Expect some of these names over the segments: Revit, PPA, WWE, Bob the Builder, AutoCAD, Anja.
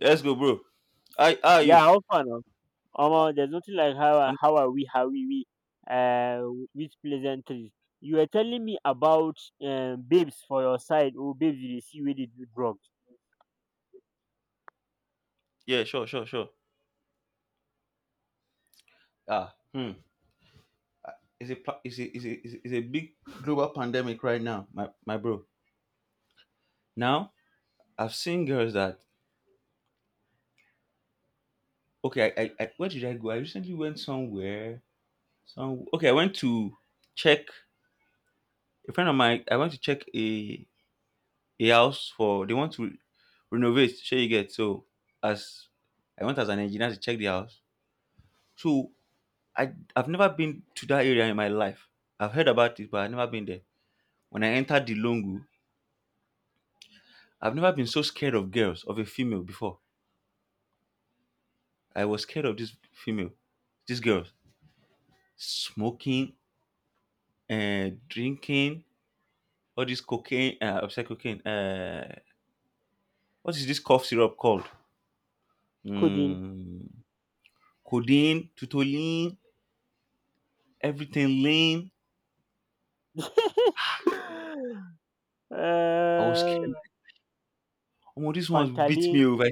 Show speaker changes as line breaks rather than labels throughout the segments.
Let's go, bro. Hi, how are
Yeah,
you?
all fun of. Omo, there's nothing like
I'm.
how are we, uh, with pleasantries. You were telling me about babes for your side. Oh, babes you dey see where they do drugs.
Yeah, sure, sure, sure. Ah, hmm. It's a pa- it's a, it's a it's a it's a big global pandemic right now, my bro. Now I've seen girls that. Okay. I Where did I go? I recently went somewhere. Some. Okay. I went to check a friend of mine. I went to check a house for they want to renovate. Sure, you get so. As I went as an engineer to check the house. So I've never been to that area in my life. I've heard about it, but I've never been there. When I entered the Longu, I've never been so scared of girls, of a female before. I was scared of this female, this girl, smoking, drinking, all this cocaine, I said cocaine, what is this cough syrup called?
Codeine,
Mm, codeine, tutolin, everything lame. I was
uh,
scared. Oh, these ones will beat me
Pantaline.
over.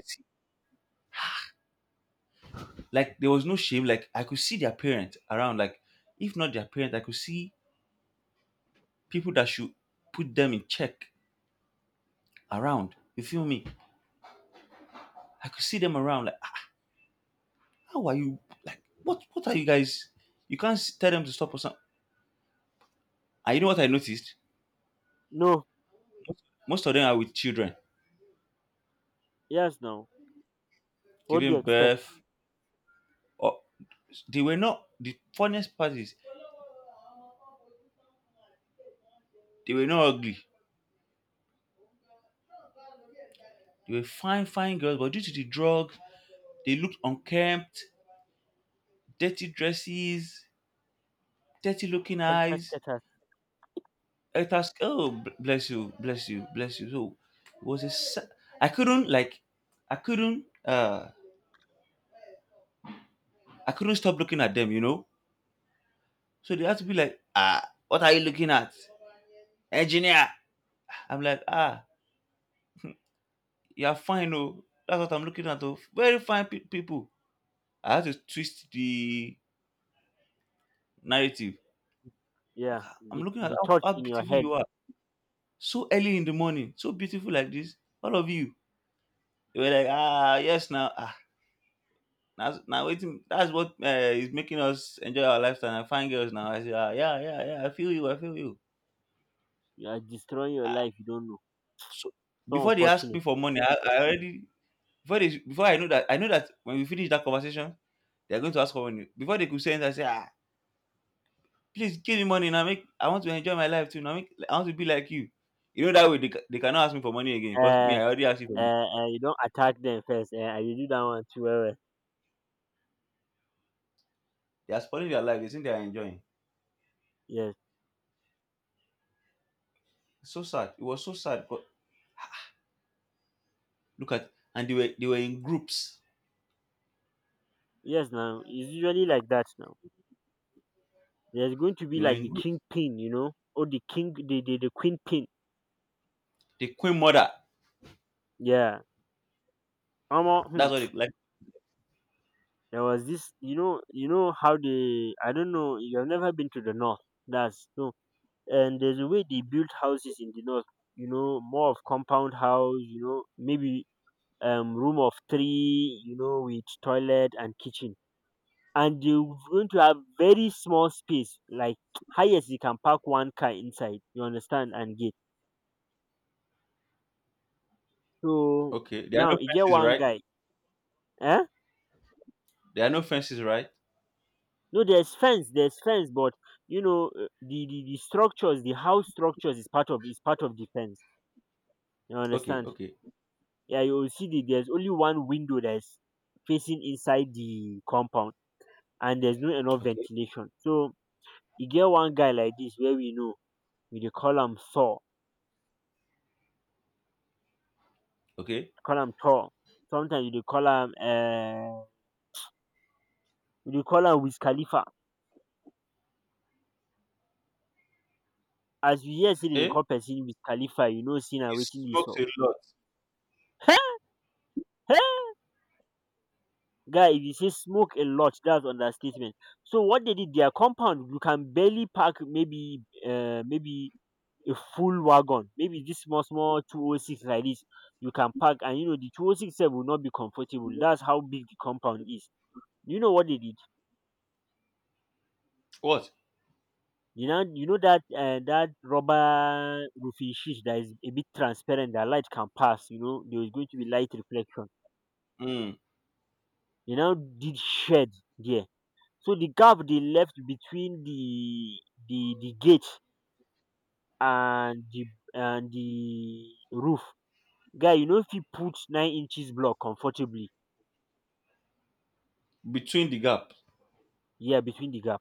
Like there was no shame. Like I could see their parents around. Like if not their parents, I could see people that should put them in check around. You feel me? I could see them around. Like, how are you? Like, what? What are you guys? You can't tell them to stop or something. And you know what I noticed?
No,
Most of them are with children,
yes, no. What do you
giving
expect?
birth. Or they were not. The funniest part is they were not ugly. They were fine, fine girls, but due to the drugs, they looked unkempt, dirty dresses, dirty looking
Cantas,
eyes. I asked, "Oh, bless you, bless you, bless you." So it was a. I couldn't, like. I couldn't. I couldn't stop looking at them. You know. So they had to be like, "Ah, what are you looking at? Engineer." I'm like, "Ah, you're fine, oh. That's what I'm looking at, oh. Very fine people." I had to twist the narrative.
yeah,
"I'm
the,
looking at
the
how
thoughts in your
beautiful
head,
you are. So early in the morning, so beautiful like this. All of you." They were like, "Ah, yes, now, now waiting. That's what is making us enjoy our lifestyle. And find girls now." I said, "Ah, yeah, yeah, yeah. I feel you. I feel you."
you are destroying your
Ah,
life. You don't know.
so
So
before they asked me
unfortunate.
for money, I already. Before I know that when we finish that conversation, they're going to ask for money. Before they could send, "I say, ah, please give me money now. Make I want to enjoy my life too. Now make, I want to be like you." You know that way they, they cannot ask me for money again because me
Uh,
I already asked you for money.
you don't attack them first. And you do that one too well.
They are spoiling their life. They think they are enjoying.
Yes,
So sad. It was so sad. But look at, and they were in groups.
yes. Now it's usually like that. Now there's going to
They
be
were
like
in
the king
groups.
pin, you know, or the king, the queen pin.
The queen mother.
Yeah. Omo,
That's
hmm,
what they like.
there was this, you know how they. I don't know. You have never been to the north. That's no. And there's a way they build houses in the north. You know, more of compound house. You know, maybe room of three, you know, with toilet and kitchen. And you're going to have very small space, like highest you can park one car inside, you understand, and gate. So
Okay, there are
now
no
you get
fences,
one
right?
guy, eh?
There are no fences, right?
No, there's fence, but you know the structures, the house structures is part of the fence. You
Okay,
understand?
okay,
Yeah, you will see that there's only one window that's facing inside the compound, and there's no enough
okay,
ventilation. So you get one guy like this where we know you dey
okay.
call am Thor, sometimes you dey call am you dey call am Wiz Khalifa. As you hear sey dem dey
Eh?
call person Wiz Khalifa you know sey
He
na wetin dey
smokes
sup.
a lot.
Guy, if you say smoke a lot, that's understatement. So what they did their compound, you can barely pack maybe a full wagon, maybe this small small two oh six like this you can pack, and you know the two oh six sef will not be comfortable. That's how big the compound is. You know what they did.
What?
You know that that rubber roofing sheet that is a bit transparent, that light can pass. You know, there is going to be light reflection.
Hmm.
They now did shed there, so the gap they left between the gate and the roof, guy. You know, if you put 9 inches block comfortably,
Between the gap.
yeah, between the gap,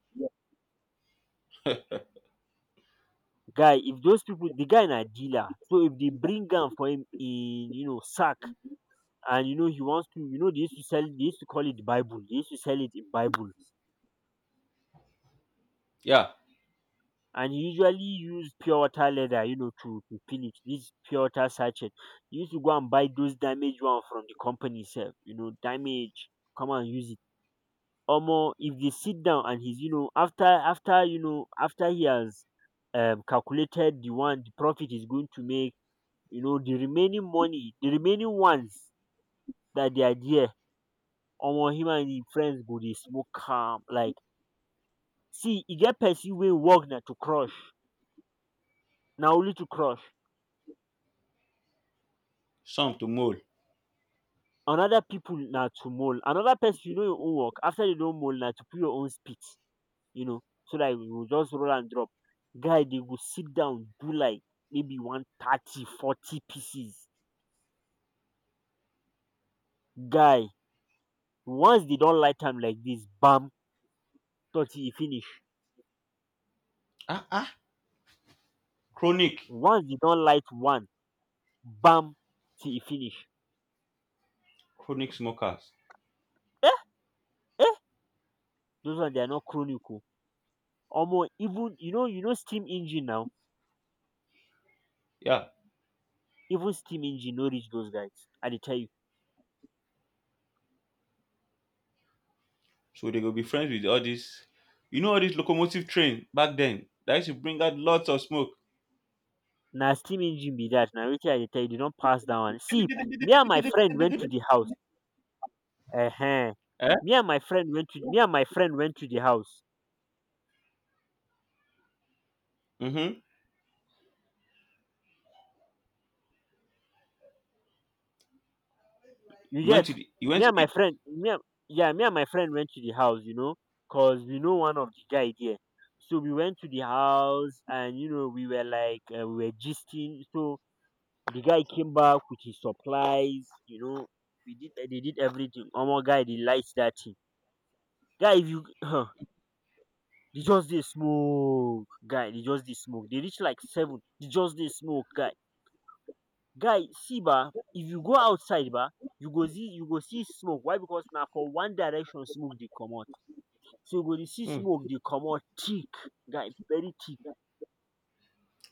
guy. If those people, the guy na dealer, so if they bring gun for him in, you know, sack, and you know he wants to, you know, they used to call it bible, they used to sell it in bible,
Yeah,
and he usually used pure water leather, you know, to fill it, this pure water sachet. He used to go and buy those damaged one from the company itself, you know, damage, come and use it. Or more, if they sit down and he's, you know, after after you know, after he has calculated the profit is going to make, you know, the remaining money, the remaining ones that they are there. Omo, him and his friends go they smoke calm like, see e get person wey e work na to crush, na only to crush,
some to mold.
another people na to mold, another person, you know, your own work after you don mold na to put your own spit, you know, so dat you go just roll and drop. Guy dey go sit down do like maybe 130, 40 pieces. Guy once dey don light am like this, bam, 30, e finish.
Ah ah, chronic,
Once dey don light one, bam, till e finish.
chronic smokers.
Eh, eh? Those one they are not chronic oh. Omo, even you know, you know steam engine na,
Yeah,
even steam engine no reach those guys. I dey tell you
so they go be friends with all these. You know all these locomotive train back then that used to bring out lots of smoke.
na steam engine be that. Na wetin I dey tell you, dey don pass that one, see. Me and my friend went to the house. Uh huh.
Eh?
Me and my friend went to the house,
Mm-hmm.
you
You went
get.
to the. You went
Me
to
and
the.
my friend me and Yeah, me and my friend went to the house, you know, cause we know one of the guy there. So we went to the house, and you know we were like, we were gisting. So the guy came back with his supplies, you know. We did, they did everything, omo, guy dey light that thing. Guy, if you dey just dey smoke guy, they just dey smoke. They reach like seven. They just dey smoke, guy. Guy, see ba, if you go outside ba, you go see, smoke, why, because na for one direction smoke dey comot. So you go dey see
Hmm.
smoke dey comot thick, guy, very thick.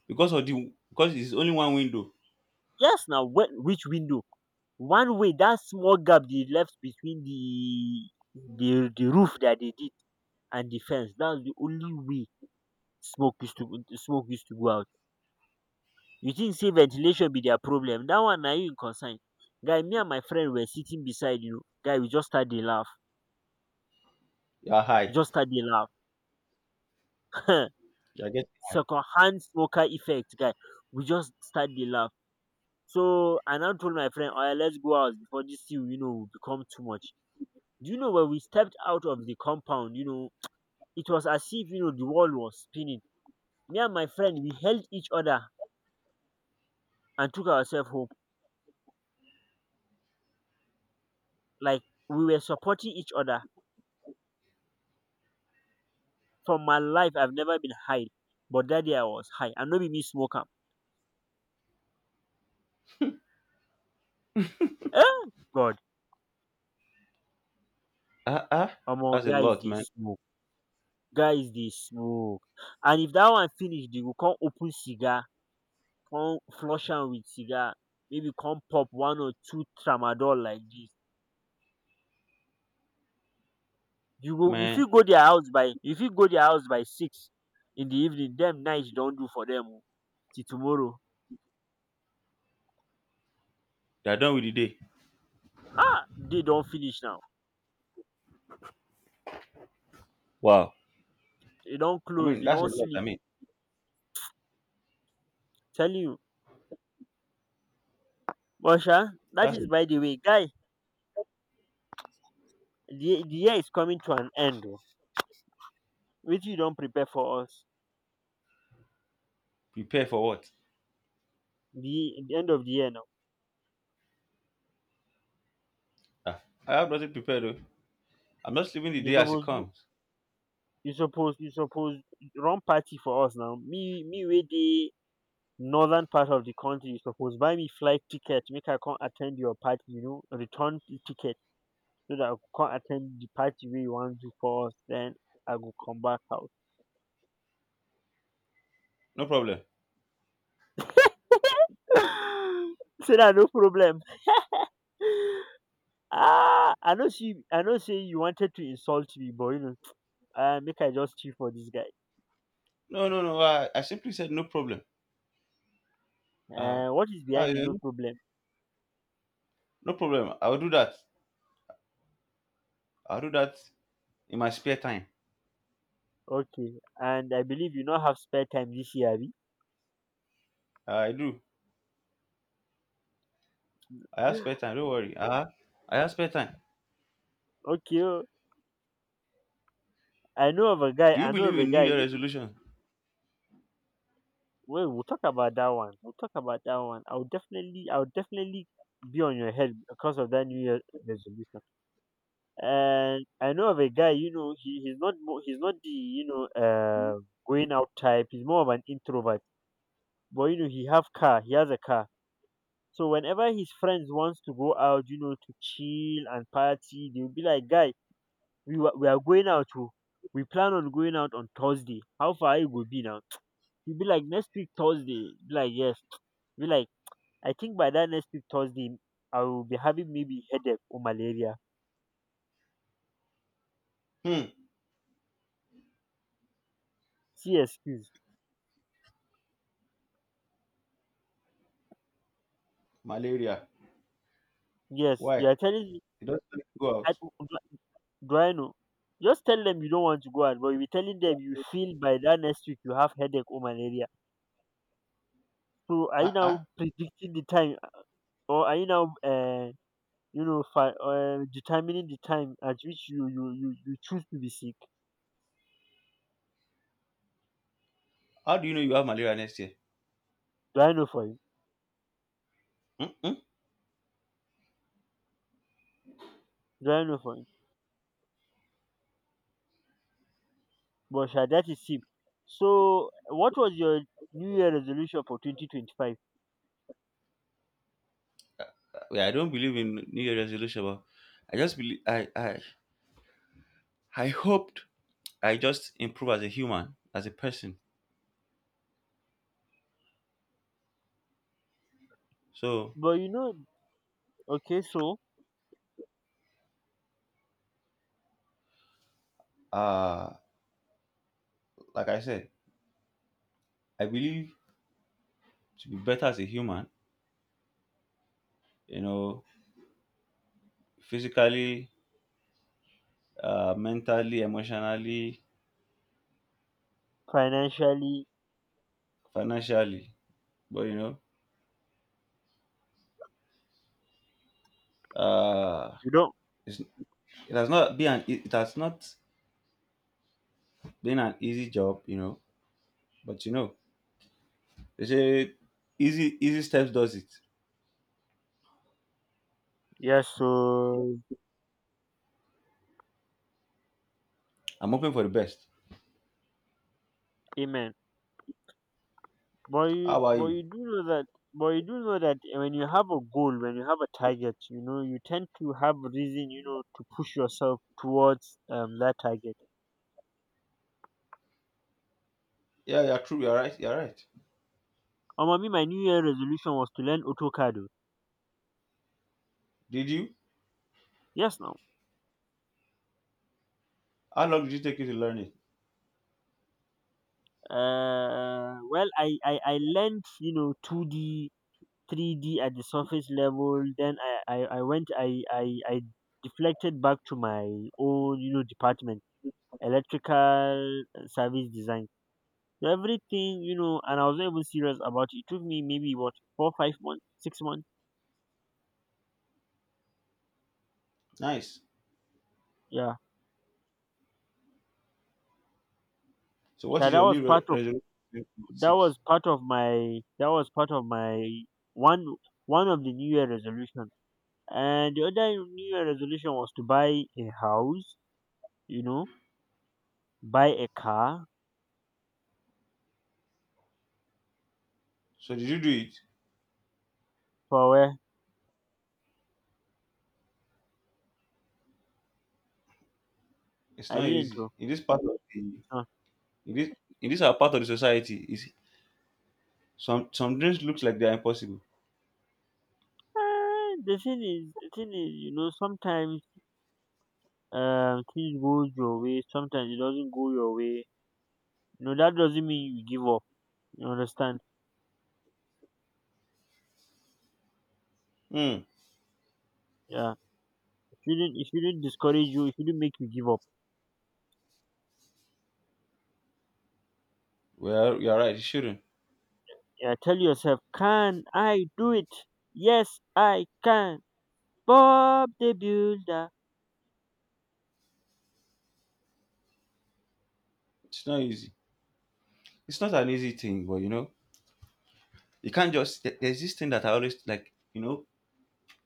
Because of the. Because it's only one window.
Yes, na when, which window? One way, that small gap they left between the roof that they did and the fence. That's the only way smoke used to smoke used to go out. You think sey ventilation be their problem? That one na you e concern. Guy, me and my friend were sitting beside you, guy, we just start dey laugh,
You are high.
we just start dey laugh
You are getting high.
second hand smoker effect, guy, we just start dey laugh. So I now told my friend, oya let's go out before this thing, you know, will become too much. Do you know, when we stepped out of the compound, you know, it was as if, you know, the world was spinning. Me and my friend, we held each other and took ourselves home, like we were supporting each other. For my life I've never been high, but dat day I was high, and no be me smoke am. Um, God!
Ah ah,
Omo,
that's a
guys
lot,
dey
man.
smoke, guys dey smoke, and if that one finish they go come open cigar, come flush am wit cigar, maybe come pop one or two tramadol like this.
Man.
You fit go their house by six in the evening, dem night don do for them, oo, till tomorrow.
They are done with the day.
Um, day don finish now,
Wow.
e don
I
close,
mean,
dey
that's a
don
lot. I
sleep,
mean,
telling you. But sha, dat
that's.
by the way, guy, the year is coming to an end, oh, which you don't prepare for us.
Prepare for what?
The end of the year now.
Ah, I have nothing prepared though. I'm just leaving the
You
day as it
suppose do-
comes.
you suppose You suppose run party for us now. Me with the northern part of the country. You suppose buy me flight ticket. Make I come attend your party. You know, return ticket so that I go come attend the party where you want to do for us. Then I go come back out.
No problem.
So that, no problem. Ah, I know she, I know say you wanted to insult me, but you know, make I just chill for this guy.
No, no, no. I simply said no problem. Uh,
What is
uh,
behind
you
the no
know,
problem?
no problem. I'll do that. I'll do that in my spare time.
Okay, and I believe you not have spare time this year, abi?
Ah, I do. I have spare time. Don't worry. I have spare time.
Okay, oh, I know of a guy.
Do you
I know of
believe
a
in New
guy.
Year
He,
resolution?
Well, we'll talk about that one. We'll talk about that one. I'll definitely be on your head because of that New Year resolution. And I know of a guy. You know, he's not the, you know, going out type. He's more of an introvert, but you know he has a car, so whenever his friends wants to go out, you know, to chill and party, they'll be like, guy, we are going out to, we plan on going out on Thursday, how far, it will be now. He'll be like, next week Thursday. Be like, yes. Be like, I think by that next week Thursday I will be having maybe headache or malaria.
Hmm.
See excuse.
Malaria.
Yes,
Why?
you are telling me.
It doesn't go
I,
out.
do I know, just tell them you don't want to go out, but you'll be telling them you feel by that next week you have headache or malaria. So are
Uh,
you
uh,
now predicting the time, or are you now, you know, determining the time at which you choose to be sick?
how do you know you have malaria next year?
Do I know for you?
Mm-mm.
Do I know for you? But sha, that is him. So what was your New Year resolution for 2025?
Yeah, I don't believe in New Year resolution, but I just believe. I hoped I just improve as a human, as a person. So
But you know, okay, so
uh like I said, I believe to be better as a human, you know, physically, mentally, emotionally,
financially,
financially, but you know, uh
you don't.
it's, it has not been an easy job, you know, but you know, they say easy easy steps does it.
Yes, so
I'm hoping for the best.
amen.
How are
But
you?
you do know that, but you do know that when you have a goal, when you have a target, you know, you tend to have reason, you know, to push yourself towards that target.
Yeah, you're true, you're right, you're right.
I mean, my New Year resolution was to learn AutoCAD, oh.
Did you?
Yes, now.
How long did you take you to learn it?
Well, I learned, you know, two D, three D at the surface level. Then I went, I deflected back to my own, department, electrical service design. So everything, and I was not even serious about it. It took me maybe what four, 5 months, 6 months.
Nice.
Yeah.
So what
Yeah,
is your new resolution? Six.
that was part of my one one of the New Year resolution. And the other New Year resolution was to buy a house, you know, buy a car
So did you do it?
for where
It's
I
not
didn't
easy.
know.
In this part of the.
Uh,
In this, in this our part of the society, is some dreams looks like they are impossible.
the thing is, sometimes things goes your way, sometimes it doesn't go your way. That doesn't mean you give up. You understand?
Hmm.
Yeah. It shouldn't discourage you, it shouldn't make you give up.
Well, you're right. It shouldn't.
Yeah, tell yourself, can I do it? Yes, I can. Bob the Builder.
It's not easy. It's not an easy thing, but you know, you can't just. There's this thing that I always like. You know,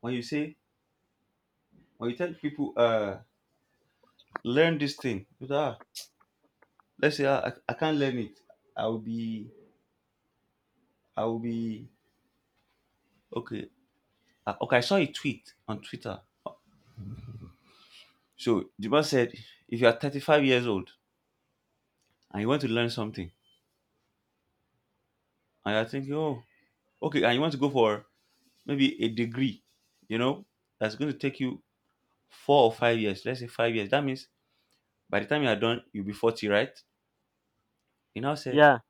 when you say, when you tell people, learn this thing. You say, "Ah, let's say ah, I can't learn it. I will be. I will be okay." Ah, okay, I saw a tweet on Twitter. So the man said, if you are 35 years old and you want to learn something, and you're thinking, oh, okay, and you want to go for maybe a degree, you know, that's going to take you 4 or 5 years, let's say 5 years, that means by the time you are done, you'll be 40, right? He now said
Yeah,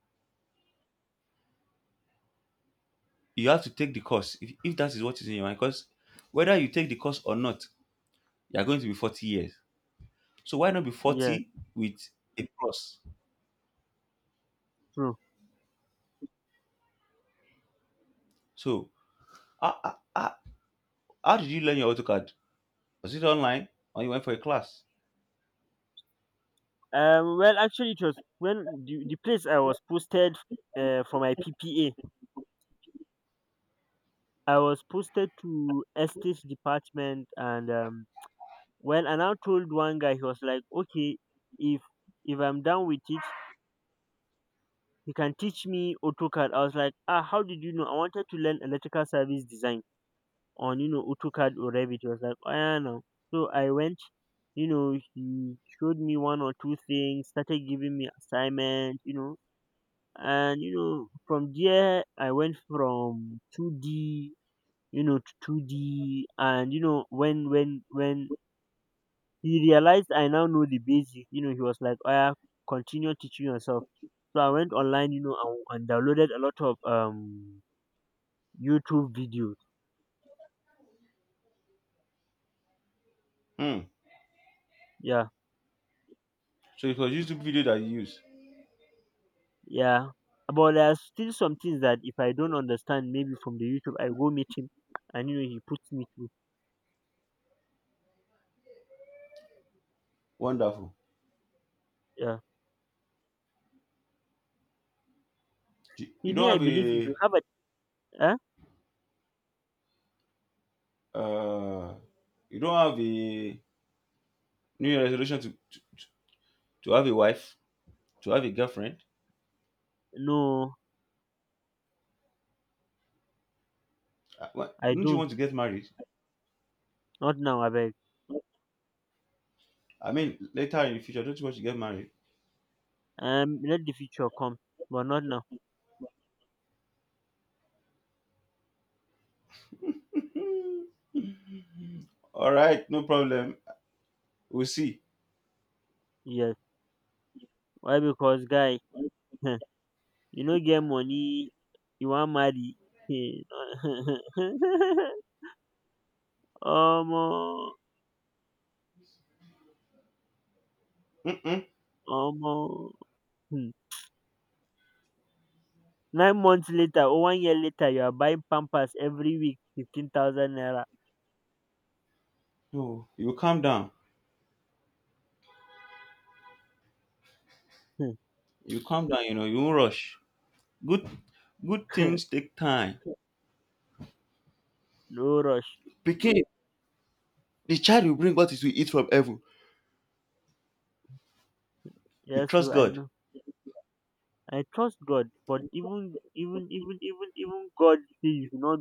you have to take the course if that is what is in your mind, because whether you take the course or not, you're going to be 40 years. So why not be
yeah,
40 with a plus?
true.
So how, how, how how did you learn your autocad? Was it online, or you went for a class?
Well, actually, it was when the place I was posted for my PPA. I was posted to estate department, and when I now told one guy, he was like, okay, if if I'm done with it, he can teach me AutoCAD. I was like, ah, how did you know? I wanted to learn electrical service design on AutoCAD or Revit. He was like, oh yeah, no. So I went, he showed me one or two things, started giving me assignment, from there I went from 2D, to 2D, and when he realized I now know the basic, he was like, oh yeah, continue teaching yourself. So I went online, and downloaded a lot of YouTube videos.
Hmm.
Yeah.
So it was YouTube video that you used?
Yeah. But there are still some things that if I don't understand, maybe from the YouTube, I go meet him, and he puts me through.
Wonderful.
Yeah.
Do- you
He
don't
may I
have
believe if you
a
have a eh?
uh, you don't have a New Year resolution to, to have a wife, to have a girlfriend?
No, I
Don't you
don't.
want to get married?
Not now, I beg.
I mean, later in the future, don't you want to get married?
Let the future come. But not now.
All right, no problem. We'll see.
Yes. Why? Because guy, get money, you want marry. Hey, Omo,
Mm-mm.
omo. Hmm. 9 months later or 1 year later, you are buying pampers every week, 15,000 naira.
No, you calm down. You calm down. You know, you won't rush. Good, good things take time.
No rush.
Pikin, the child will bring what is to eat from heaven. You
Yes,
trust
oh, I
God.
know. I trust God, but even God say you should not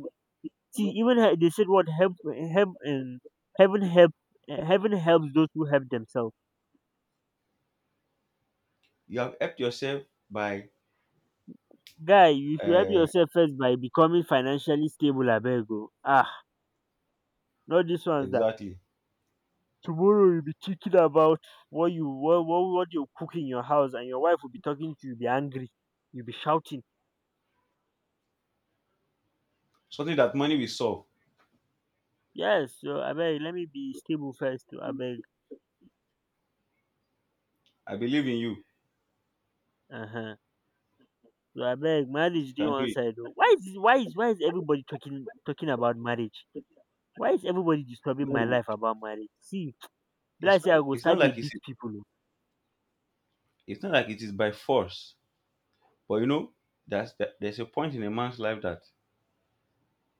see. Even they said what help and heaven help, eh, heaven helps those who help themselves.
You have helped yourself by.
Guy, you should help
Uh,
yourself first by becoming financially stable, abego. Ah, not this one's that.
exactly,
Tomorrow you'll be thinking about what you cook in your house, and your wife will be talking to you. Be angry. You'll be shouting.
something that money will solve.
Yes, so abeg, let me be stable first. Abeg.
I believe in you.
Uh huh. So I beg, marriage
You
dey
can do
one
it.
side oh. Why is everybody talking talking about marriage? Why is everybody disturbing my
No,
life about marriage? See be
it's
like sey I
not,
go
it's not
start dey
like it's
beat people oh.
it's not like it is by force, but you know, that's that there's a point in a man's life that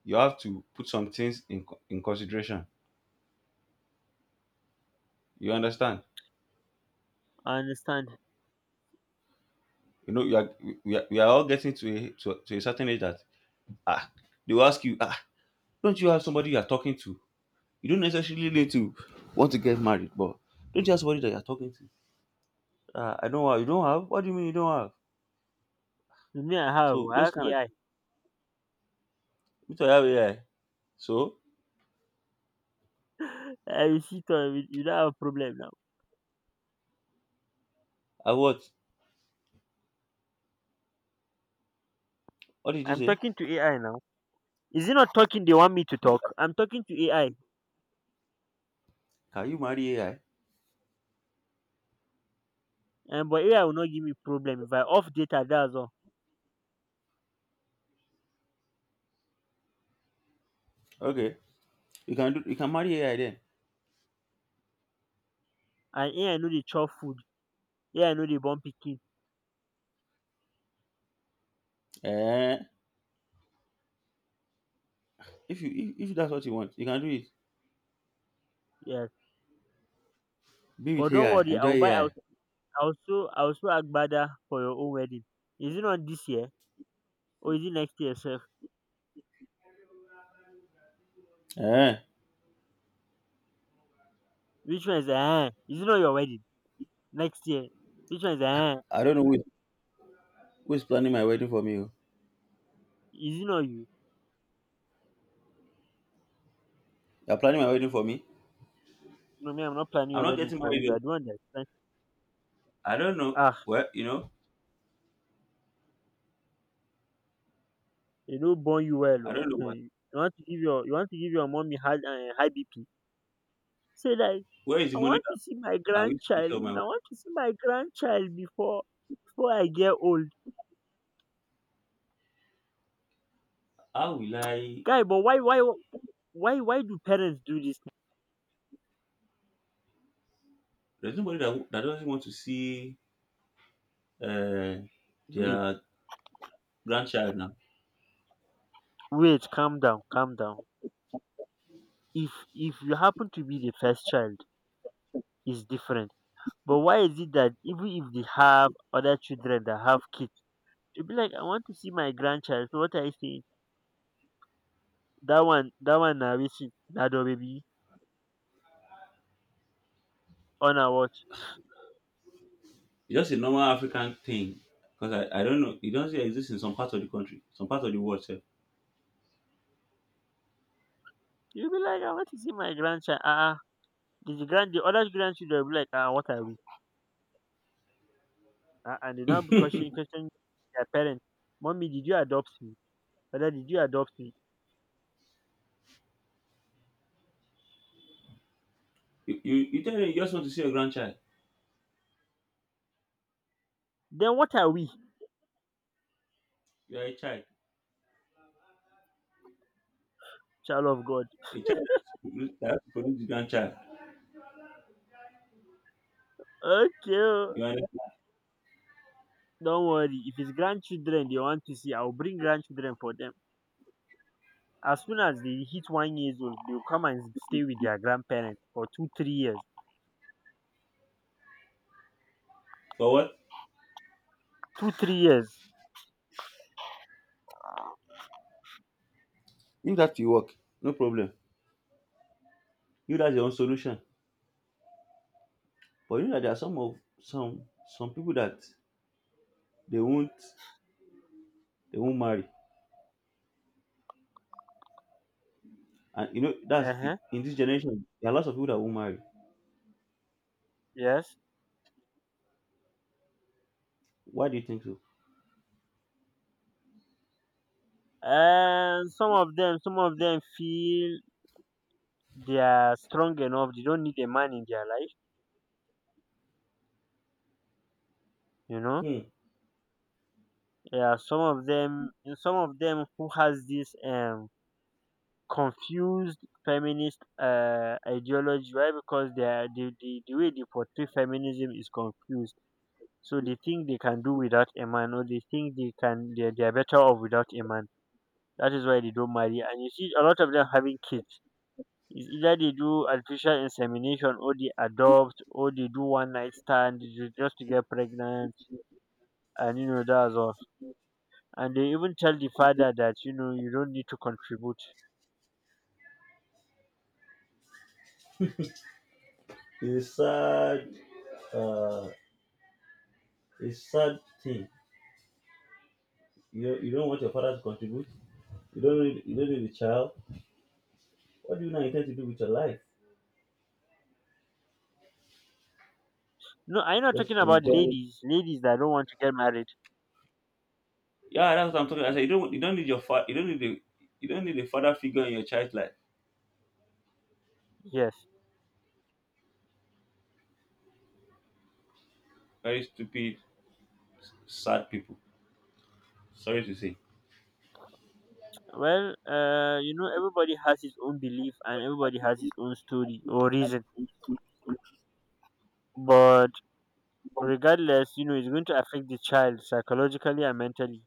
you have to put some things in consideration, you understand?
I understand.
You know you are we are all getting to a to a certain age that ah they will ask you, "Ah, don't you have somebody you are talking to?" You don't necessarily need to want to get married, but don't you have somebody that you're talking to? "Ah, I don't have." "You don't have? What do you mean you don't have?"
With me I have
So
oh, I
those
have
kind of.
AI.
Me too, I have AI. So
I dey see am, you don't have problem now.
I, what did you
I'm
say?
talking to AI now. Is it not talking they want me to
You-
talk? I'm talking to AI.
can you marry AI?
And but AI will not give me problem if I off data dats all,
Okay. You can do, you can marry AI then.
and AI know dey chop food, AI know dey born picking.
Eh, if you if that's what you want, you can do it.
Yes,
Be with
but don't
AI,
worry,
enjoy AI.
I will sew agbada for your own wedding. Is it not this year or is it next year, sir?
Eh,
Which one is eh? Is it not your wedding? Next year. Which one is eh?
I don't know who is planning my wedding for me, oh.
Is it not you?
You're planning my wedding for me?
No, me, I'm not planning
I'm
your
not
wedding
getting
for
married,
you. I don't
oh.
understand.
I don't know.
Ah,
Well,
they no born you well
I
oo.
don't know
Hmm,
what.
you want to give your mommy high BP. Say like
Where is the
I
money
want to see my
that I will take care
grandchild.
of my wife?
I want to see my grandchild before I get old.
How will I?
Guy, but why do parents do this?
There's nobody that, that doesn't want to see, uh,
Wait,
their grandchild now.
wait, calm down, calm down. If you happen to be the first child, it's different, but why is it that even if they have other children that have kids, you'll be like, I want to see my grandchild, so what are you saying? That one, that one na wetin, na your baby on na watch.
It's just a normal African thing because I don't know. It doesn't exist in some parts of the country, some parts of the world.
You'll be like, I want to see my grandchild, ah ah. The other grandchildren will be like, ah, what are we? Ah, and they now be question question their parents, mommy, did you adopt me, father, did you adopt me?
You tell them you just want to see your grandchild.
Then what are we?
You are a child.
Child of God.
A child that has to produce the grandchild.
Okay o.
You understand?
Don't worry, if it's grandchildren they want to see, I'll bring grandchildren for them. As soon as they hit 1 years old, they'll come and stay with their grandparents for 2, 3 years.
For what?
2, 3 years.
If that you work, no problem. You, that's your own solution. But you know that there are some of some some people that they won't they won't marry. And you know that's,
Uh huh.
in this generation, there are lots of people that won't marry.
Yes.
Why do you think so?
And some of them feel they are strong enough. They don't need a man in their life. You know.
Hmm.
Yeah. Some of them who has this confused feminist ideology, right? Because the way they portray feminism is confused. So they think they can do without a man, or they think they can they're better off without a man. That is why they don't marry. And you see a lot of them having kids. It's either they do artificial insemination, or they adopt, or they do one night stand just to get pregnant, and that's all. And they even tell the father that you don't need to contribute.
It's a sad, uh it's sad thing. You don't want your father to contribute. You don't need a child. What do you now intend to do with your life?
No, I'm not talking
Just
about
enjoy it.
ladies that don't want to get married.
Yeah, that's what I'm talking about. I said you don't need your father, you don't need a father figure in your child's life.
Yes.
Very stupid, sad people. Sorry to say.
Well, everybody has his own belief, and everybody has his own story or reason. But regardless, it's going to affect the child psychologically and mentally.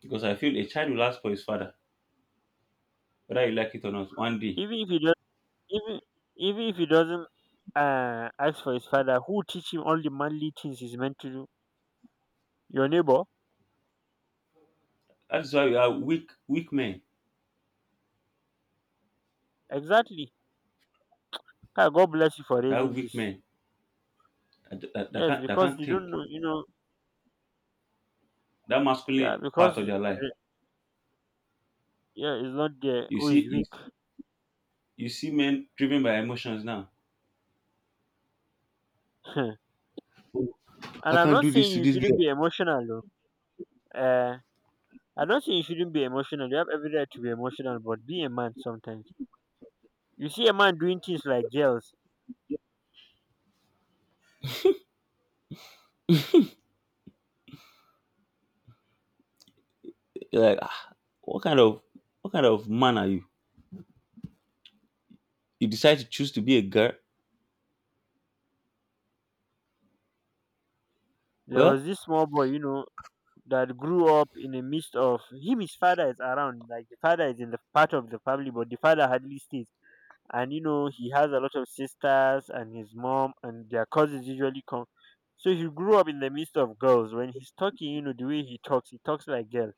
Because I feel a child will ask for his father, whether you like it or not, one day.
Even if he does even even if he doesn't ask for his father, who will teach him all the manly things he's meant to do? Your neighbor.
That's why we are weak men.
Exactly. Ah, God bless you for
We are
raising
weak
this.
men that,
Yes,
that
because
can't
they don't
think.
know.
That masculine
Yeah,
part
because
of their life.
yeah, it's not there
You
who
see
is
you,
weak.
you see men driven by emotions now.
And
I
I'm
can't
not
do
saying
this to
you
this
shouldn't
girl.
be emotional, though. uh I'm not saying you shouldn't be emotional, you have every right to be emotional, but be a man sometimes. You see a man doing things like girls.
You're like, "Ah, what kind of what kind of man are you? You decide to choose to be a girl?"
There was
Well,
this small boy, that grew up in the midst of him. His father is around, like the father is in the part of the family, but the father hardly stays. And he has a lot of sisters and his mom, and their cousins usually come. So he grew up in the midst of girls. When he's talking, the way he talks like girl.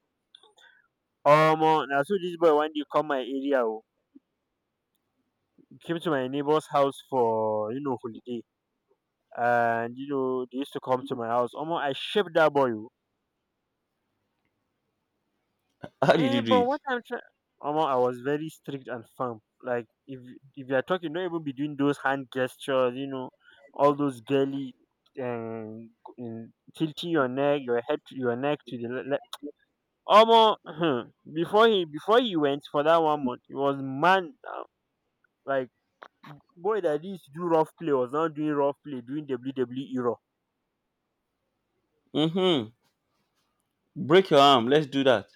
Now so this boy one day come my area, oh. He came to my neighbor's house for holiday, and they used to come to my house. Omo, I shaped that boy oh.
how did
Eh,
you do
but
it?
what I'm trying, Omo, I was very strict and firm. Like if you are talking, don't even be doing those hand gestures. All those girly, um, tilting your neck, your head, to your neck to the Omo, before he went for that 1 month, he was man now. Like boy that used to do rough play was not doing rough play, doing WWE rough.
Mm-hmm. Break your arm. Let's do that.